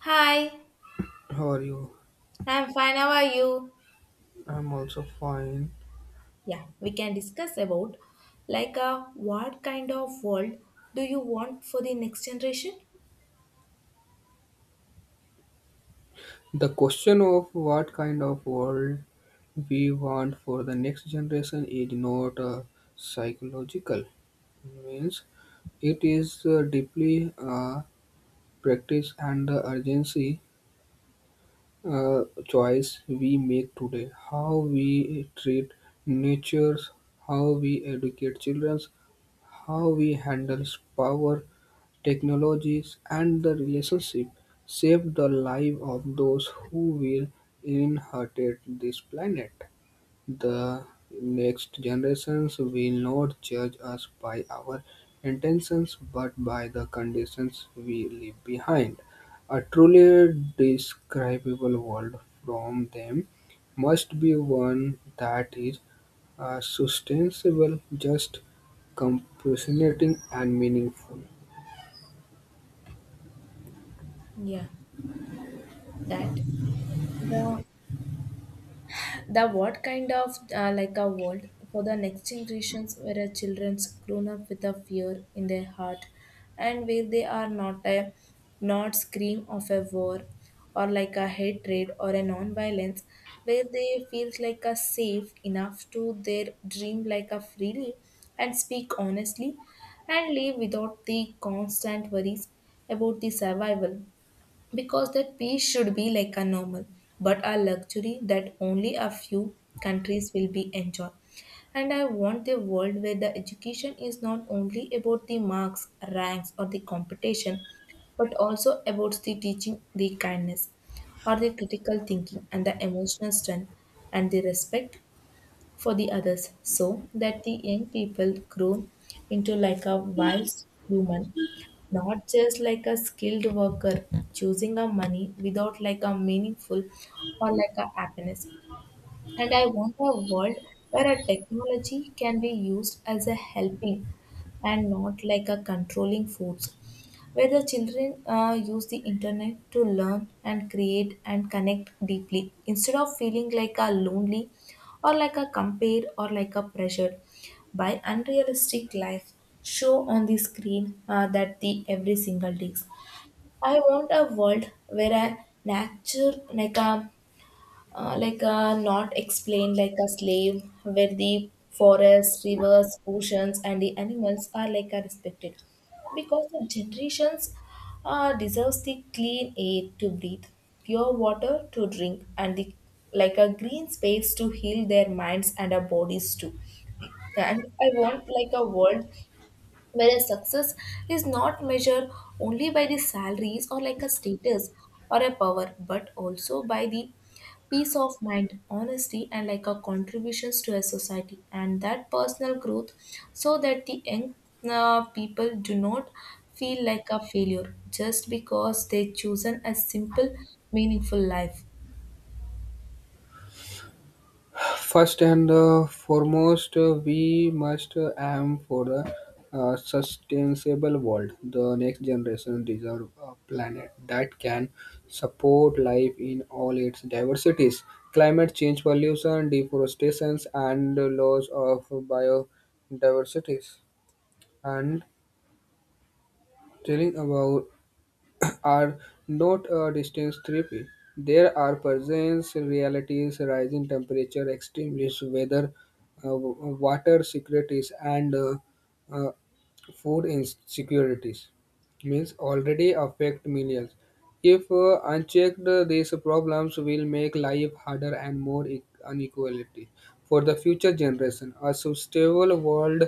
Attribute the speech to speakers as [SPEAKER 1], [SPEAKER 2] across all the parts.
[SPEAKER 1] Hi,
[SPEAKER 2] How are you?
[SPEAKER 1] I'm fine. How are you?
[SPEAKER 2] I'm also fine.
[SPEAKER 1] Yeah, we can discuss about what kind of world do you want for the next generation?
[SPEAKER 2] The question of what kind of world we want for the next generation is not psychological. Means it is deeply practice and the urgency choice we make today. How we treat nature, how we educate children, how we handle power, technologies and the relationship shaped the life of those who will inherit this planet. The next generations will not judge us by our intentions but by the conditions we leave behind. A truly describable world from them must be one that is sustainable, just, compassionate, and meaningful.
[SPEAKER 1] Yeah, that the the what kind of like a world for the next generations where our children's grown up with a fear in their heart and where they are not scream of a war or like a hatred or a non-violence where they feel like a safe enough to their dream like a freely and speak honestly and live without the constant worries about the survival because that peace should be like a normal but a luxury that only a few countries will be enjoy. And I want a world where the education is not only about the marks ranks or the competition but also about the teaching the kindness or the critical thinking and the emotional strength and the respect for the others so that the young people grow into like a wise human not just like a skilled worker choosing a money without like a meaningful or like a happiness. And I want a world where a technology can be used as a helping and not like a controlling force, where the children use the internet to learn and create and connect deeply instead of feeling like a lonely or like a compared or like a pressured by unrealistic life show on the screen that the every single days. I want a world where a nature like a like not explained like a slave, where the forests, rivers, oceans, and the animals are like are respected, because the generations deserves the clean air to breathe, pure water to drink, and the like a green space to heal their minds and our bodies too. And I want like a world Whereas success is not measured only by the salaries or like a status or a power, but also by the peace of mind, honesty, and like a contributions to a society and that personal growth so that the young people do not feel like a failure just because they chosen a simple, meaningful life.
[SPEAKER 2] First and foremost, we must aim for a sustainable world. The next generation deserve a planet that can support life in all its diversities. Climate change, pollution, deforestation, and the loss of biodiversity. And telling about are not a distance therapy. There are presence realities, rising temperature, extremes, weather, water securities, and uh, food insecurities means already affect millions. If unchecked, these problems will make life harder and more inequality for the future generation. A sustainable world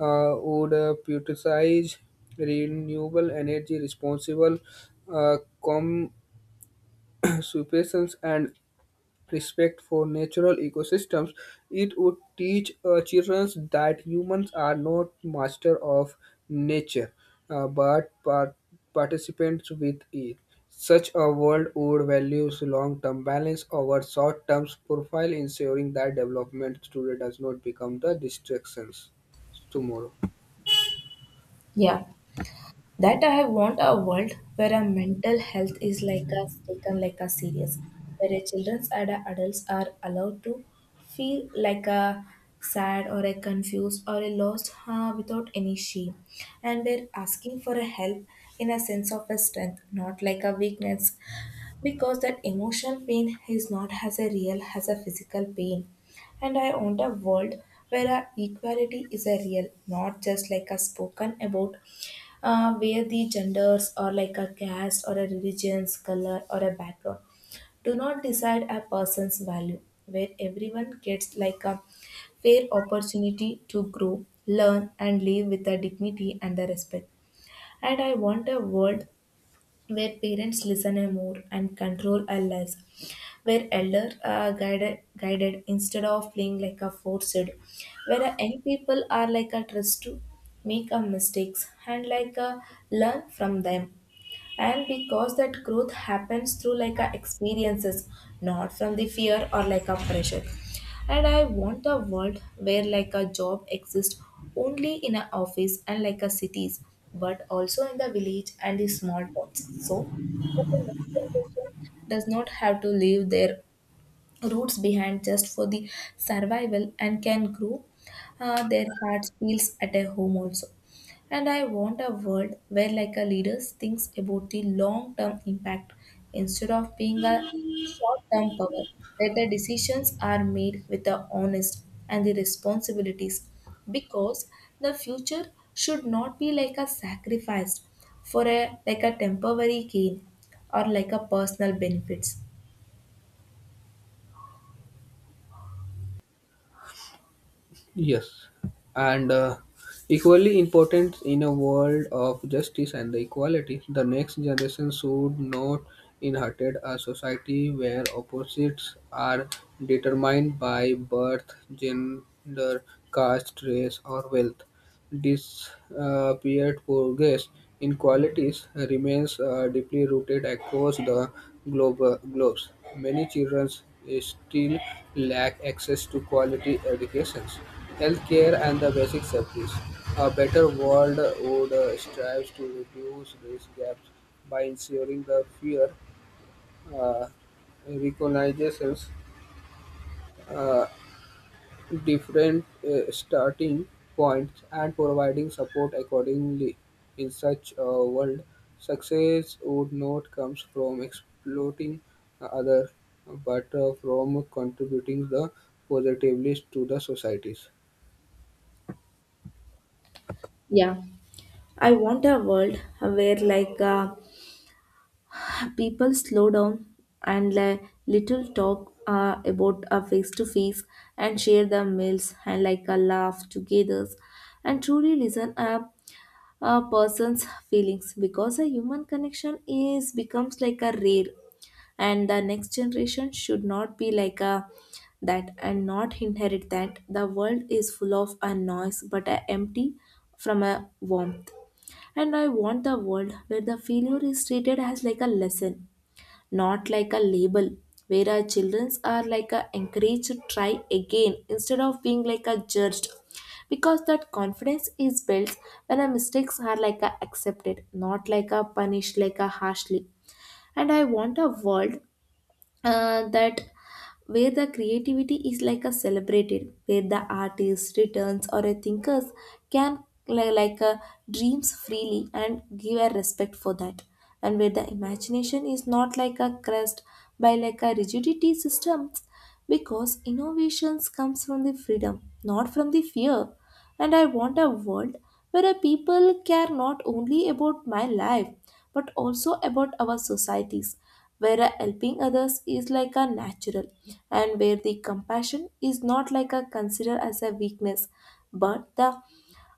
[SPEAKER 2] would prioritize renewable energy, responsible uh, consumption, and respect for natural ecosystems. It would teach children that humans are not master of nature, but participants with it. Such a world would value long-term balance over short-term profile, ensuring that development today does not become the distractions tomorrow.
[SPEAKER 1] Yeah, that I want a world where our mental health is like a taken like a serious, where our children and our adults are allowed to feel like a sad or a confused or a lost without any shame, and we're asking for a help in a sense of a strength, not like a weakness because that emotional pain is not as a real as a physical pain. And I want a world where our equality is a real not just like a spoken about where the genders or like a caste or a religion's color or a background do not decide a person's value where everyone gets like a fair opportunity to grow learn and live with a dignity and a respect. And I want a world where parents listen a more and control a less, where elder are guided instead of playing like a forced, where a young people are like a trust to make a mistakes and like a learn from them and because that growth happens through like a experiences not from the fear or like a pressure. And I want a world where like a job exists only in an office and like a cities but also in the village and the small towns so that the next generation does not have to leave their roots behind just for the survival and can grow their hearts feels at a home also. And I want a world where like a leaders thinks about the long term impact instead of being a short term power where the decisions are made with the honest and the responsibilities because the future should not be like a sacrificed for a like a temporary gain or like a personal benefits.
[SPEAKER 2] Yes, and equally important in a world of justice and equality, the next generation should not inherit a society where opposites are determined by birth, gender, caste, race, or wealth disappeared progress in qualities remains deeply rooted across the globe, globes. Many children still lack access to quality educations, healthcare, and the basic safeties. A better world would strive to reduce these gaps by ensuring the fear uh, recognizes uh, different starting points and providing support accordingly. In such a world, success would not come from exploiting others, but from contributing the positively to the societies.
[SPEAKER 1] Yeah. I want a world where people slow down and like little talk about a face to face and share their meals and like a laugh together and truly listen a person's feelings because a human connection is becomes like a rare and the next generation should not be like a that and not inherit that the world is full of a noise but a empty from a warmth. And I want a world where the failure is treated as like a lesson not like a label where our children are like a encouraged to try again instead of being like a judged because that confidence is built when our mistakes are like a accepted not like a punished like a harshly. And I want a world that where the creativity is like a celebrated where the artist returns or a thinkers like a dreams freely and give a respect for that and where the imagination is not like a crust by like a rigidity systems because innovations comes from the freedom not from the fear. And I want a world where people care not only about my life but also about our societies, where helping others is like a natural and where the compassion is not like a considered as a weakness but the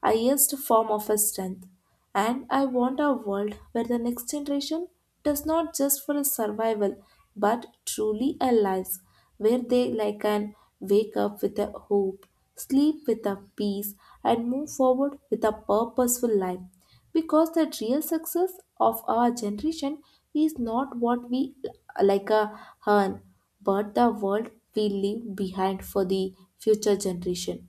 [SPEAKER 1] highest form of his strength. And I want a world where the next generation does not just for a survival but truly a life where they like can wake up with a hope, sleep with a peace, and move forward with a purposeful life. Because the real success of our generation is not what we like a earn, but the world we leave behind for the future generation.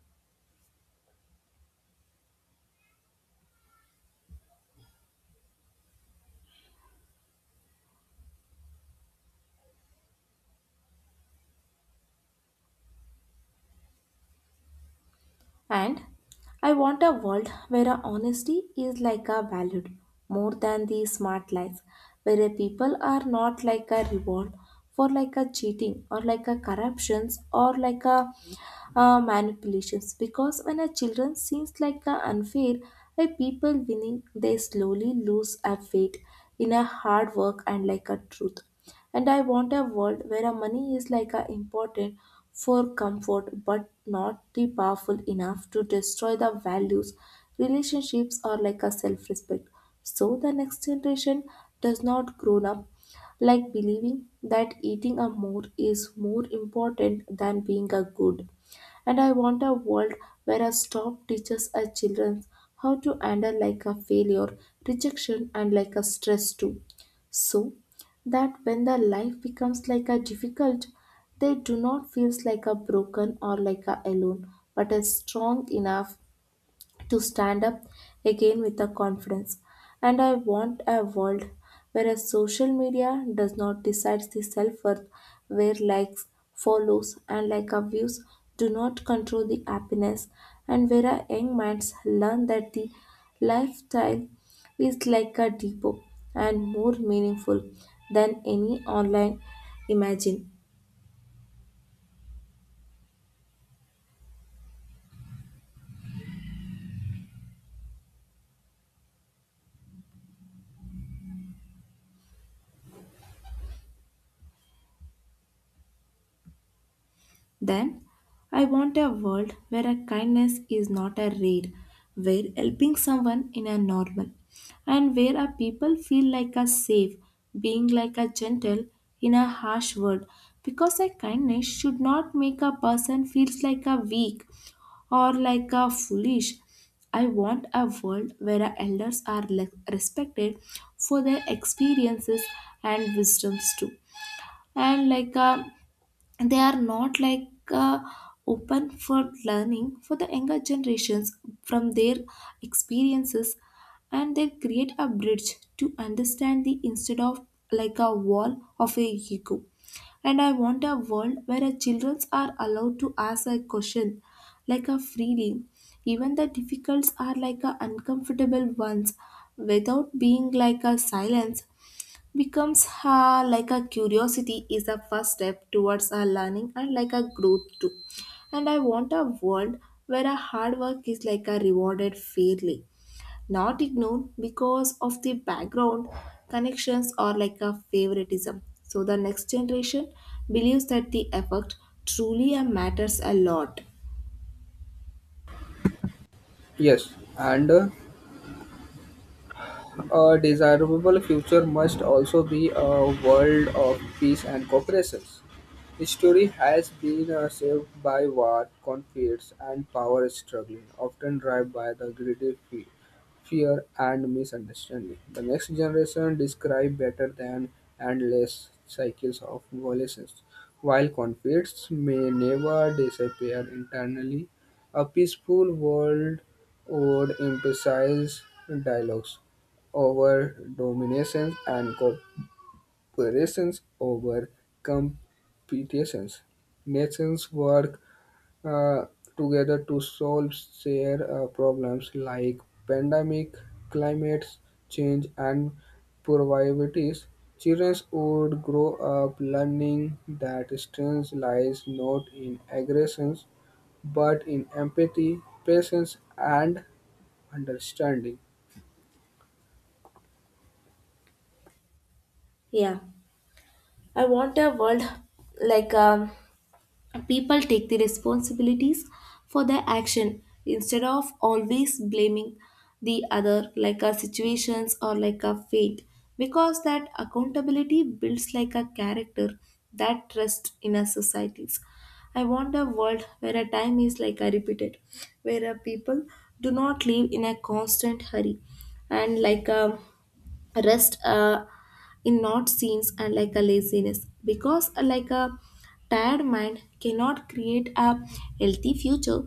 [SPEAKER 1] And I want a world where our honesty is like a valued more than the smart lies, where people are not like a reward for like a cheating or like a corruptions or like a manipulations because when a children seems like a unfair a people winning they slowly lose a faith in a hard work and like a truth. And I want a world where a money is like a important for comfort but not the powerful enough to destroy the values relationships or like a self-respect so the next generation does not grow up like believing that eating a more is more important than being a good. And I want a world where a stop teaches our children how to handle like a failure, rejection, and like a stress too. So that when the life becomes like a difficult, they do not feels like a broken or like a alone, but as strong enough to stand up again with a confidence. And I want a world where a social media does not decide the self worth, where likes, follows, and like our views do not control the happiness, and where our young minds learn that the lifestyle is like a depot and more meaningful than any online imagine. Then, I want a world where a kindness is not a rare, where helping someone in a normal, and where a people feel like a safe, being like a gentle in a harsh world. Because a kindness should not make a person feels like a weak or like a foolish. I want a world where our elders are respected for their experiences and wisdoms too. And like a they are not open for learning for the younger generations from their experiences and they create a bridge to understand the instead of like a wall of a ego. And I want a world where our children are allowed to ask a question like a freely even the difficulties are like a uncomfortable ones without being like a silence becomes ha like a curiosity is the first step towards our learning and like a growth too. And I want a world where a hard work is like a rewarded fairly not ignored because of the background connections or like a favoritism so the next generation believes that the effort truly matters a lot.
[SPEAKER 2] Yes, and a desirable future must also be a world of peace and cooperation. History has been saved by war, conflicts, and power struggling, often driven by the greedy fear and misunderstanding. The next generation describe better than endless cycles of violations. While conflicts may never disappear internally, a peaceful world would emphasize dialogues over dominations and corporations over competitions. Nations work uh, together to solve shared problems like pandemic, climate change, and poverty. Children would grow up learning that strength lies not in aggressions but in empathy, patience, and understanding.
[SPEAKER 1] Yeah, I want a world like um people take the responsibilities for their action instead of always blaming the other like a situations or like a fate because that accountability builds like a character that trust in our societies. I want a world where a time is like a repeated where a people do not live in a constant hurry and like a rest in not scenes and like a laziness because like a tired mind cannot create a healthy future.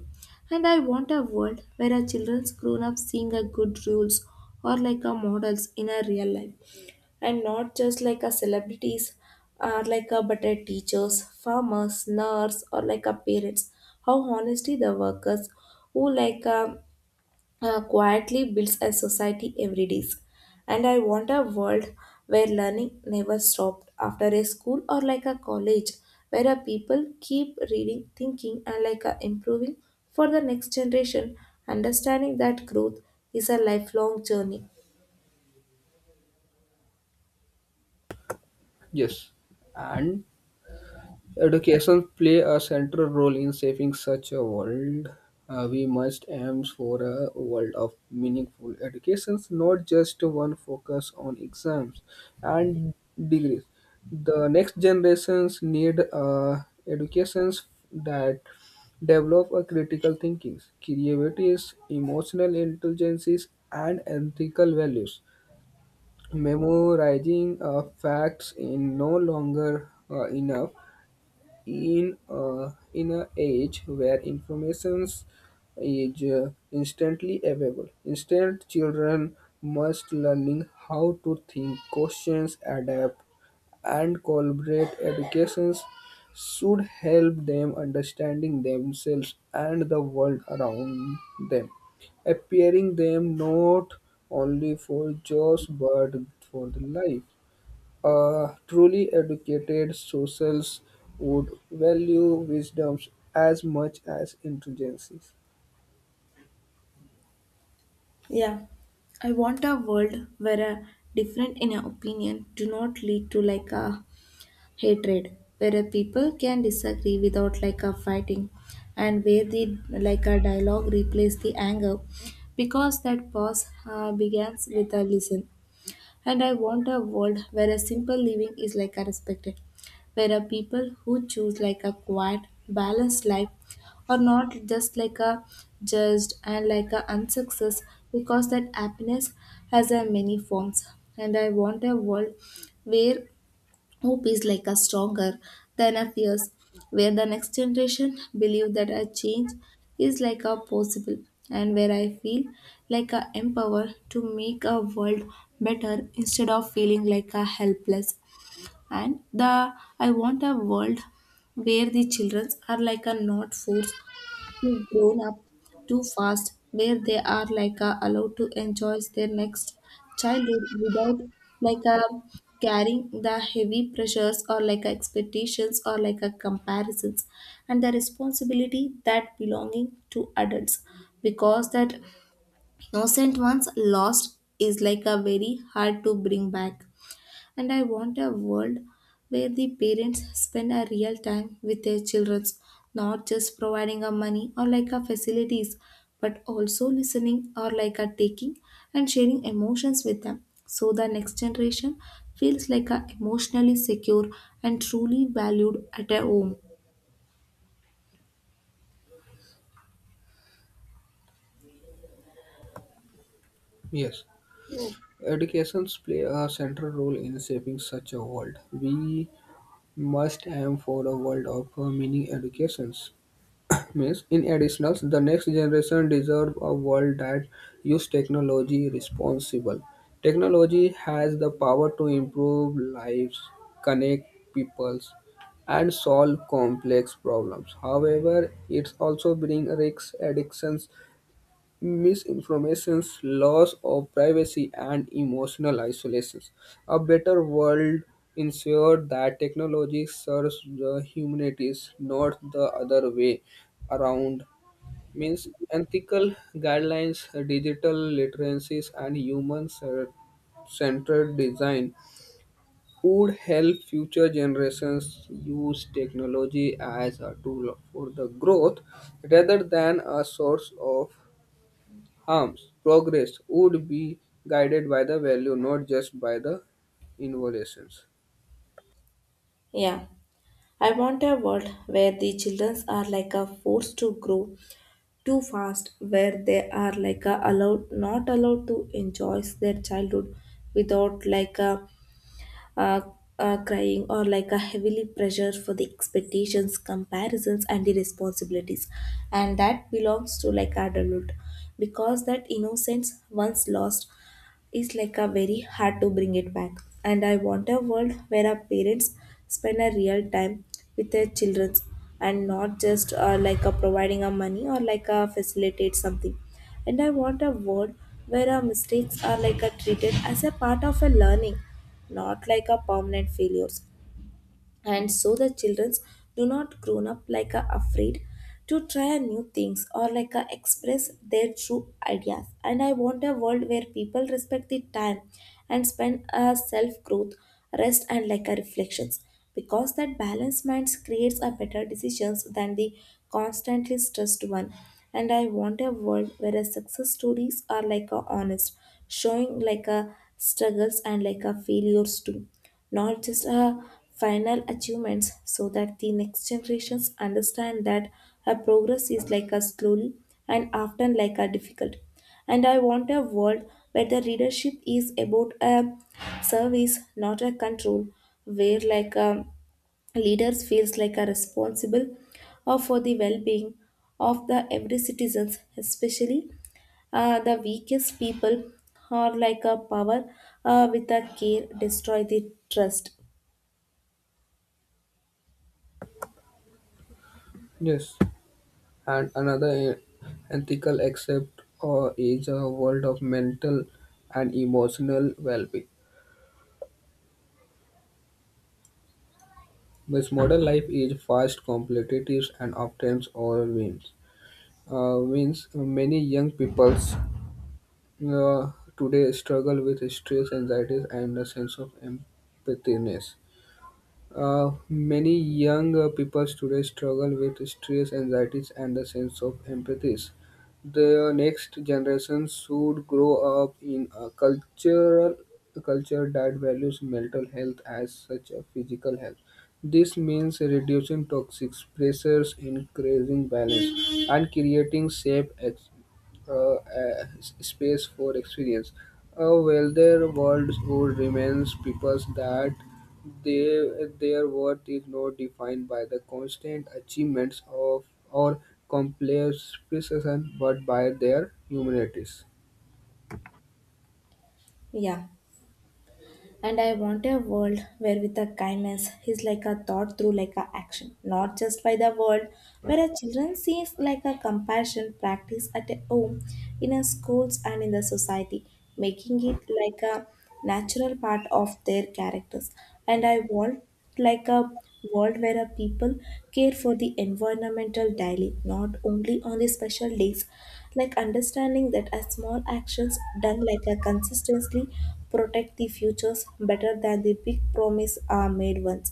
[SPEAKER 1] And I want a world where our children's grown up seeing a good rules or like a models in a real life and not just like a celebrities or like a better teachers farmers nurse or like a parents how honestly the workers who like a quietly builds a society every day. And I want a world where learning never stopped after a school or like a college, where a people keep reading, thinking, and like a improving for the next generation, understanding that growth is a lifelong journey.
[SPEAKER 2] Yes, and education play a central role in shaping such a world. We must aim for a world of meaningful educations, not just one focus on exams and degrees. The next generations need educations that develop a critical thinking, creativity, emotional intelligence, and ethical values. Memorizing facts is no longer enough in an age where informations is instantly available. Instead, children must learning how to think, questions, adapt, and collaborate. Educations should help them understanding themselves and the world around them, appearing them not only for jobs but for the life. A truly educated socials would value wisdoms as much as intelligences.
[SPEAKER 1] Yeah, I want a world where a different in a opinion do not lead to like a hatred, where a people can disagree without like a fighting, and where the like a dialogue replace the anger, because that pause begins with a listen. And I want a world where a simple living is like a respected, where a people who choose like a quiet, balanced life are not just like a judged and like a unsuccess because that happiness has a many forms. And I want a world where hope is like a stronger than a fears, where the next generation believe that a change is like a possible, and where I feel like a empowered to make a world better instead of feeling like a helpless. And the I want a world where the children are like a not forced who've grown up too fast, where they are like allowed to enjoy their next childhood without like uh, carrying the heavy pressures or like expectations or like comparisons and the responsibility that belonging to adults because that innocent ones lost is like a very hard to bring back. And I want a world where the parents spend a real time with their children, not just providing a money or like a facilities, but also listening or like a taking and sharing emotions with them. So the next generation feels like a emotionally secure and truly valued at a home.
[SPEAKER 2] Yes, educations play a central role in shaping such a world. We must aim for a world of meaning educations means. In addition, the next generation deserve a world that use technology responsible. Technology has the power to improve lives, connect peoples, and solve complex problems. However, it also brings risks, addictions, misinformations, loss of privacy, and emotional isolations. A better world ensures that technology serves the humanities, not the other way around. Means ethical guidelines, digital literacies, and human centered design would help future generations use technology as a tool for the growth rather than a source of harms progress would be guided by the value, not just by the involutions.
[SPEAKER 1] Yeah, I want a world where the children are like a force to grow too fast, where they are like a allowed not allowed to enjoy their childhood without like a, a, a crying or like a heavily pressure for the expectations, comparisons, and the responsibilities and that belongs to like adulthood because that innocence once lost is like a very hard to bring it back. And I want a world where our parents spend a real time with their children and not just like a providing a money or like a facilitate something. And I want a world where our mistakes are like a treated as a part of a learning, not like a permanent failures, and so the children do not grown up like a afraid to try a new things or like a express their true ideas. And I want a world where people respect the time and spend a self growth, rest, and like a reflections because that balanced mind creates a better decisions than the constantly stressed one. And I want a world where a success stories are like a honest, showing like a struggles and like a failures too, not just her final achievements, so that the next generations understand that her progress is like a slow and often like a difficult. And I want a world where the leadership is about a service, not a control, where like a leaders feels like are responsible for the well-being of the every citizens, especially the weakest people are like a power with a care destroy the trust.
[SPEAKER 2] Yes, and another ethical accept is a world of mental and emotional well-being. This modern life is fast, competitive, and often overwhelms. Means many young peoples uh, today struggle with stress, anxiety, and a sense of empathiness. Many young people today struggle with stress, anxieties, and the sense of empathies. The next generation should grow up in a cultural a culture that values mental health as such as physical health. This means reducing toxic pressures, increasing balance, and creating safe uh, uh, space for experience. Well, their world would remains peoples that they, their worth is not defined by the constant achievements of or complex precision, but by their humanities.
[SPEAKER 1] Yeah. And I want a world where with a kindness is like a thought through like a action, not just by the world, where a children sees like a compassion practice at a home, in a schools and in the society, making it like a natural part of their characters. And I want like a world where a people care for the environmental daily, not only on the special days. Like understanding that a small actions done like a consistently protect the futures better than the big promise are made once.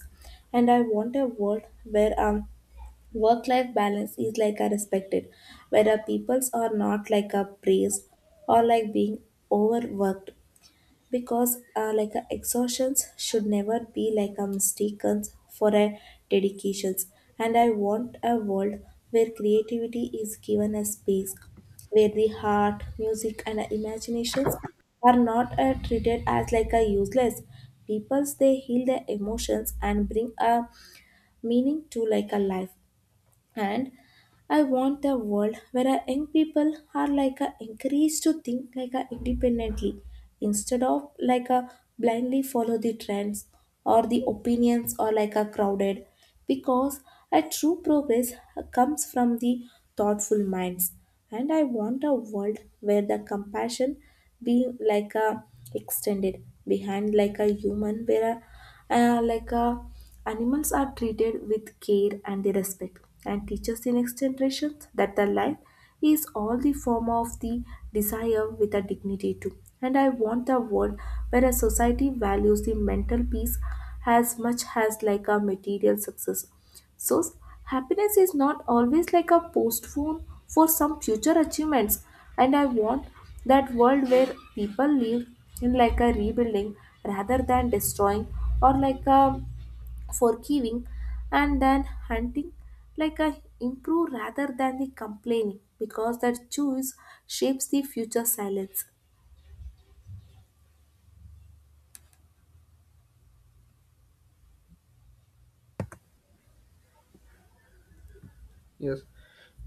[SPEAKER 1] And I want a world where work-life balance is like a respected, where our peoples are not like a praised or like being overworked because like a exhaustions should never be like a mistaken for a dedications. And I want a world where creativity is given a space, where the heart music and imaginations are not treated as like a useless peoples, they heal their emotions and bring a meaning to like a life. And I want a world where our young people are like a encouraged to think like a independently instead of like a blindly follow the trends or the opinions or like a crowded, because a true progress comes from the thoughtful minds. And I want a world where the compassion being like a extended behind like a human, where a uh, like uh, animals are treated with care and the respect, and teaches the next generation that the life is all the form of the desire with a dignity too. And I want a world where a society values the mental peace as much as like a material success, so happiness is not always like a postpone for some future achievements. And I want that world where people live in like a rebuilding rather than destroying or like a forgiving and then hunting like a improve rather than the complaining, because that choice shapes the future silence.
[SPEAKER 2] Yes,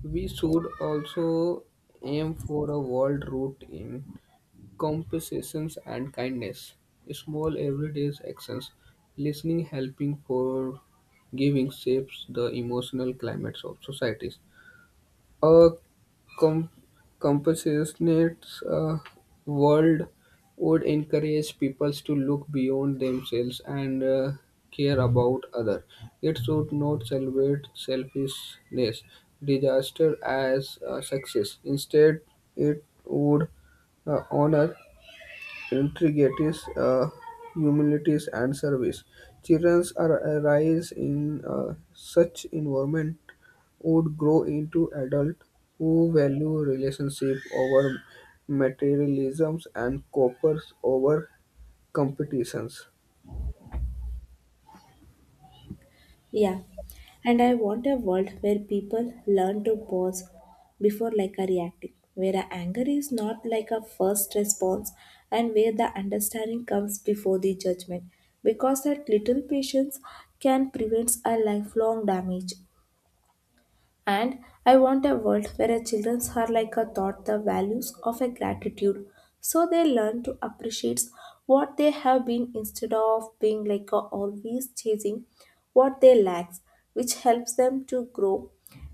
[SPEAKER 2] we should also aim for a world route in compassion and kindness, small everyday actions, listening, helping, forgiving, shapes the emotional climates of societies. A com- compassionate world would encourage peoples to look beyond themselves and care about others. It should not celebrate selfishness, disaster as a success. Instead, it would honor integrities, humility, and service. Children are raised in such environment would grow into adults who value relationship over materialisms and coppers over competitions.
[SPEAKER 1] Yeah, and I want a world where people learn to pause before like a reacting, where a anger is not like a first response, and where the understanding comes before the judgment, because that little patience can prevent a lifelong damage. And I want a world where our children are like a taught the values of a gratitude so they learn to appreciate what they have been instead of being like a always chasing what they lack, which helps them to grow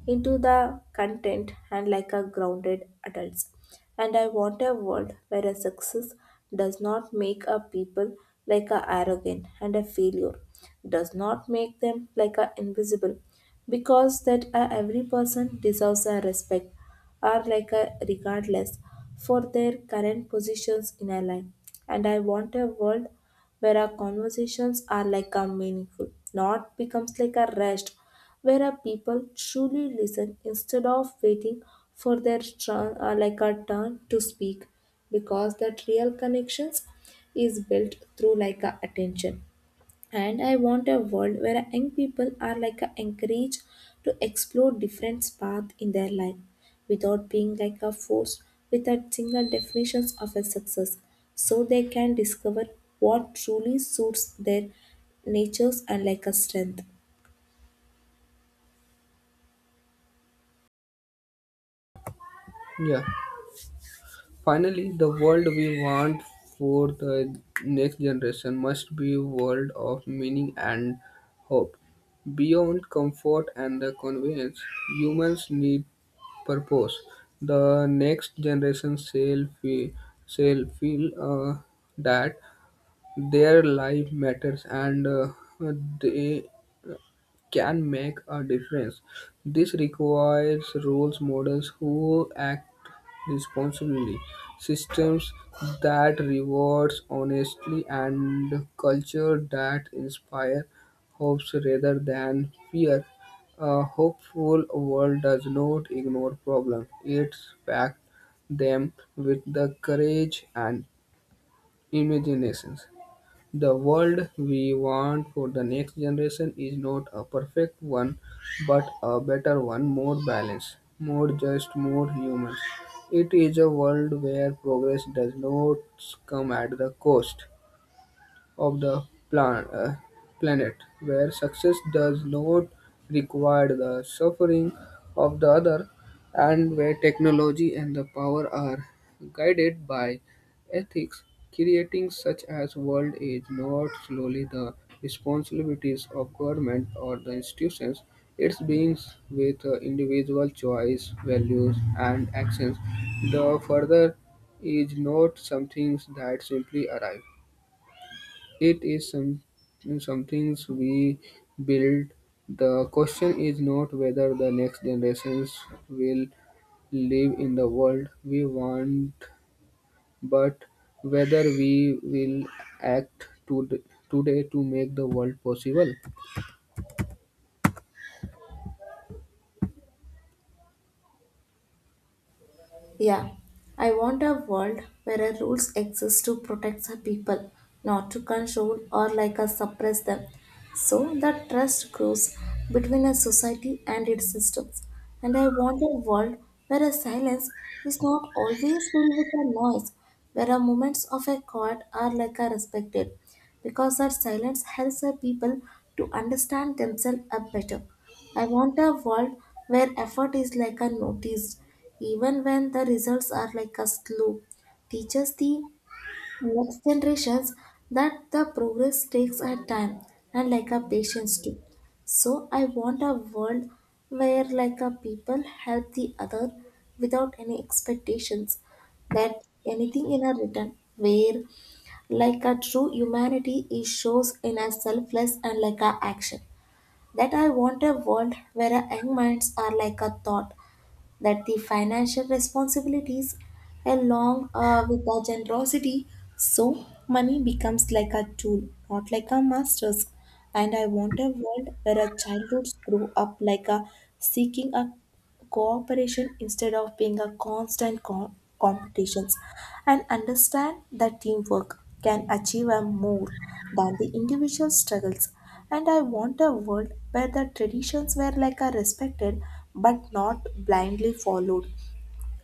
[SPEAKER 1] into the content and like a grounded adults. And I want a world where a success does not make a people like a arrogant and a failure does not make them like a invisible, because that a every person deserves a respect or like a regardless for their current positions in a life. And I want a world where our conversations are like a meaningful, not becomes like a rest, where our people truly listen instead of waiting for their turn like a turn to speak, because that real connections is built through like a attention. And I want a world where young people are like a encouraged to explore different paths in their life without being like a force with a single definitions of a success, so they can discover what truly suits their natures and like a strength.
[SPEAKER 2] Yeah. Finally, the world we want for the next generation must be a world of meaning and hope. Beyond comfort and the convenience, humans need purpose. The next generation shall feel that their life matters and they can make a difference. This requires roles models who act responsibly, systems that rewards honesty and culture that inspire hopes rather than fear. A hopeful world does not ignore problems. It backs them with the courage and imagination. The world we want for the next generation is not a perfect one, but a better one, more balanced, more just, more human. It is a world where progress does not come at the cost of the plan- uh, planet, where success does not require the suffering of the other, and where technology and the power are guided by ethics, creating such as world is not solely the responsibilities of government or the institutions. It begins with individual choice, values, and actions. The further is not something that simply arrive. It is some things we build. The question is not whether the next generations will live in the world we want, but whether we will act to today to make the world possible.
[SPEAKER 1] Yeah, I want a world where a rules exist to protect the people, not to control or like a suppress them. So that trust grows between a society and its systems. And I want a world where a silence is not always filled with a noise, where a moments of a quiet are like a respected, because that silence helps the people to understand themselves a better. I want a world where effort is like a notice, even when the results are like a slow. Teaches the next generations that the progress takes a time and like a patience too. So I want a world where like a people help the other without any expectations that anything in a return, where like a true humanity is shows in a selfless and like a action. That I want a world where our young minds are like a thought, that the financial responsibilities along with our generosity, so money becomes like a tool, not like a master's. And I want a world where our childhoods grow up like a seeking a cooperation instead of being a constant competitions and understand that teamwork can achieve a more than the individual struggles. And I want a world where the traditions were like a respected but not blindly followed,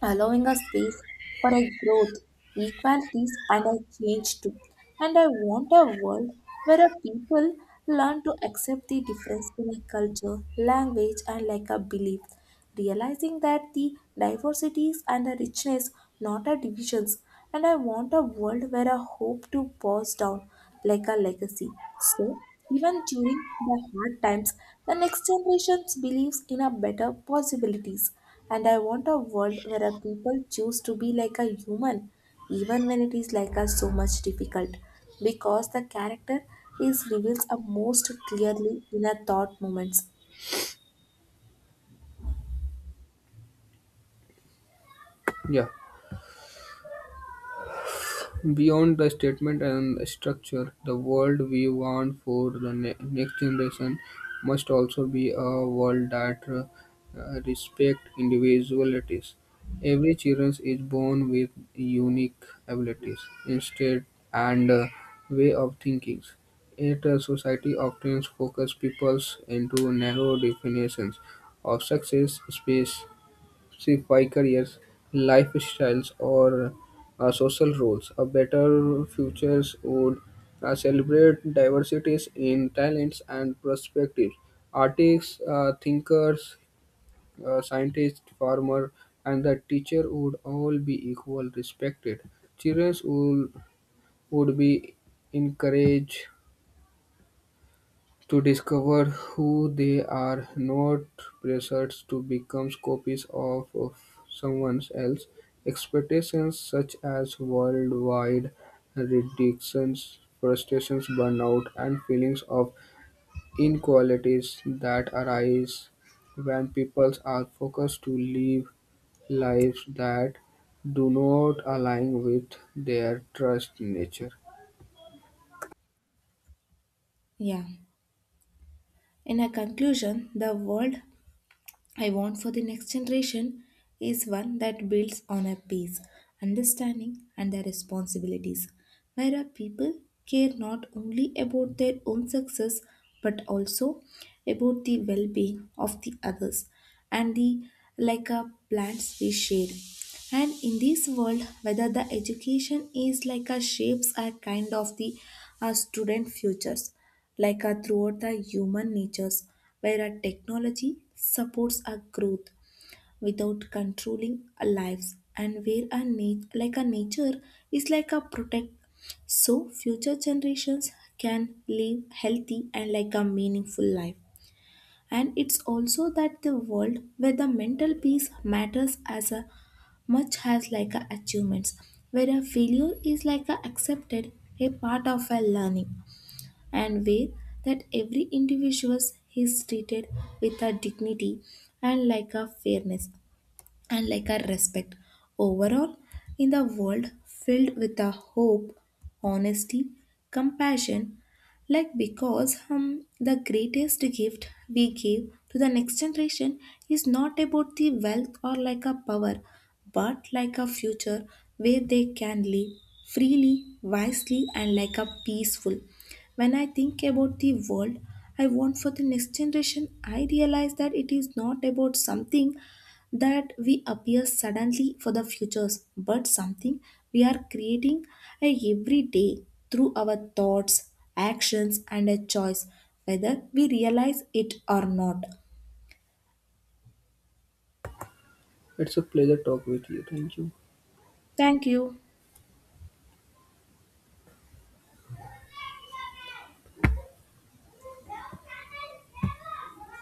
[SPEAKER 1] allowing a space for a growth, equalities, and a change too. And I want a world where a people learn to accept the difference in a culture, language, and like a belief, realizing that the diversities and the richness, not a divisions. And I want a world where a hope to pass down like a legacy. So, even during the hard times, the next generation believes in a better possibilities. And I want a world where a people choose to be like a human, even when it is like us so much difficult, because the character is reveals a most clearly in a thought moments.
[SPEAKER 2] Yeah. Beyond the statement and structure, the world we want for the next generation must also be a world that respects individualities. Every child is born with unique abilities, instead and way of thinking. Yet society often focuses people into narrow definitions of success, space, by careers, lifestyles, or social roles. A better futures would celebrate diversities in talents and perspectives. Artists, thinkers, scientists, farmer, and the teacher would all be equal respected. Children would, would be encouraged to discover who they are, not pressured to become copies of someone else. Expectations such as worldwide reductions, frustrations, burnout, and feelings of inequalities that arise when people are focused to live lives that do not align with their trust nature.
[SPEAKER 1] Yeah. In a conclusion, the world I want for the next generation is one that builds on a peace, understanding, and their responsibilities, where our people care not only about their own success but also about the well-being of the others and the like a plants we share. And in this world, whether the education is like a shapes a kind of the student futures like a throughout the human natures, where a technology supports our growth without controlling our lives and where a like a nature is like a protect so future generations can live healthy and like a meaningful life. And it's also that the world where the mental peace matters as a much as like a achievements, where a failure is like a accepted a part of a learning and way that every individual is treated with a dignity and like a fairness and like a respect. Overall, in the world filled with a hope, honesty, compassion, like because the greatest gift we give to the next generation is not about the wealth or like a power, but like a future where they can live freely, wisely, and like a peaceful. When I think about the world I want for the next generation, I realize that it is not about something that we appear suddenly for the futures, but something we are creating every day through our thoughts, actions, and a choice, whether we realize it or not.
[SPEAKER 2] It's a pleasure talk with you. Thank you.
[SPEAKER 1] Thank you.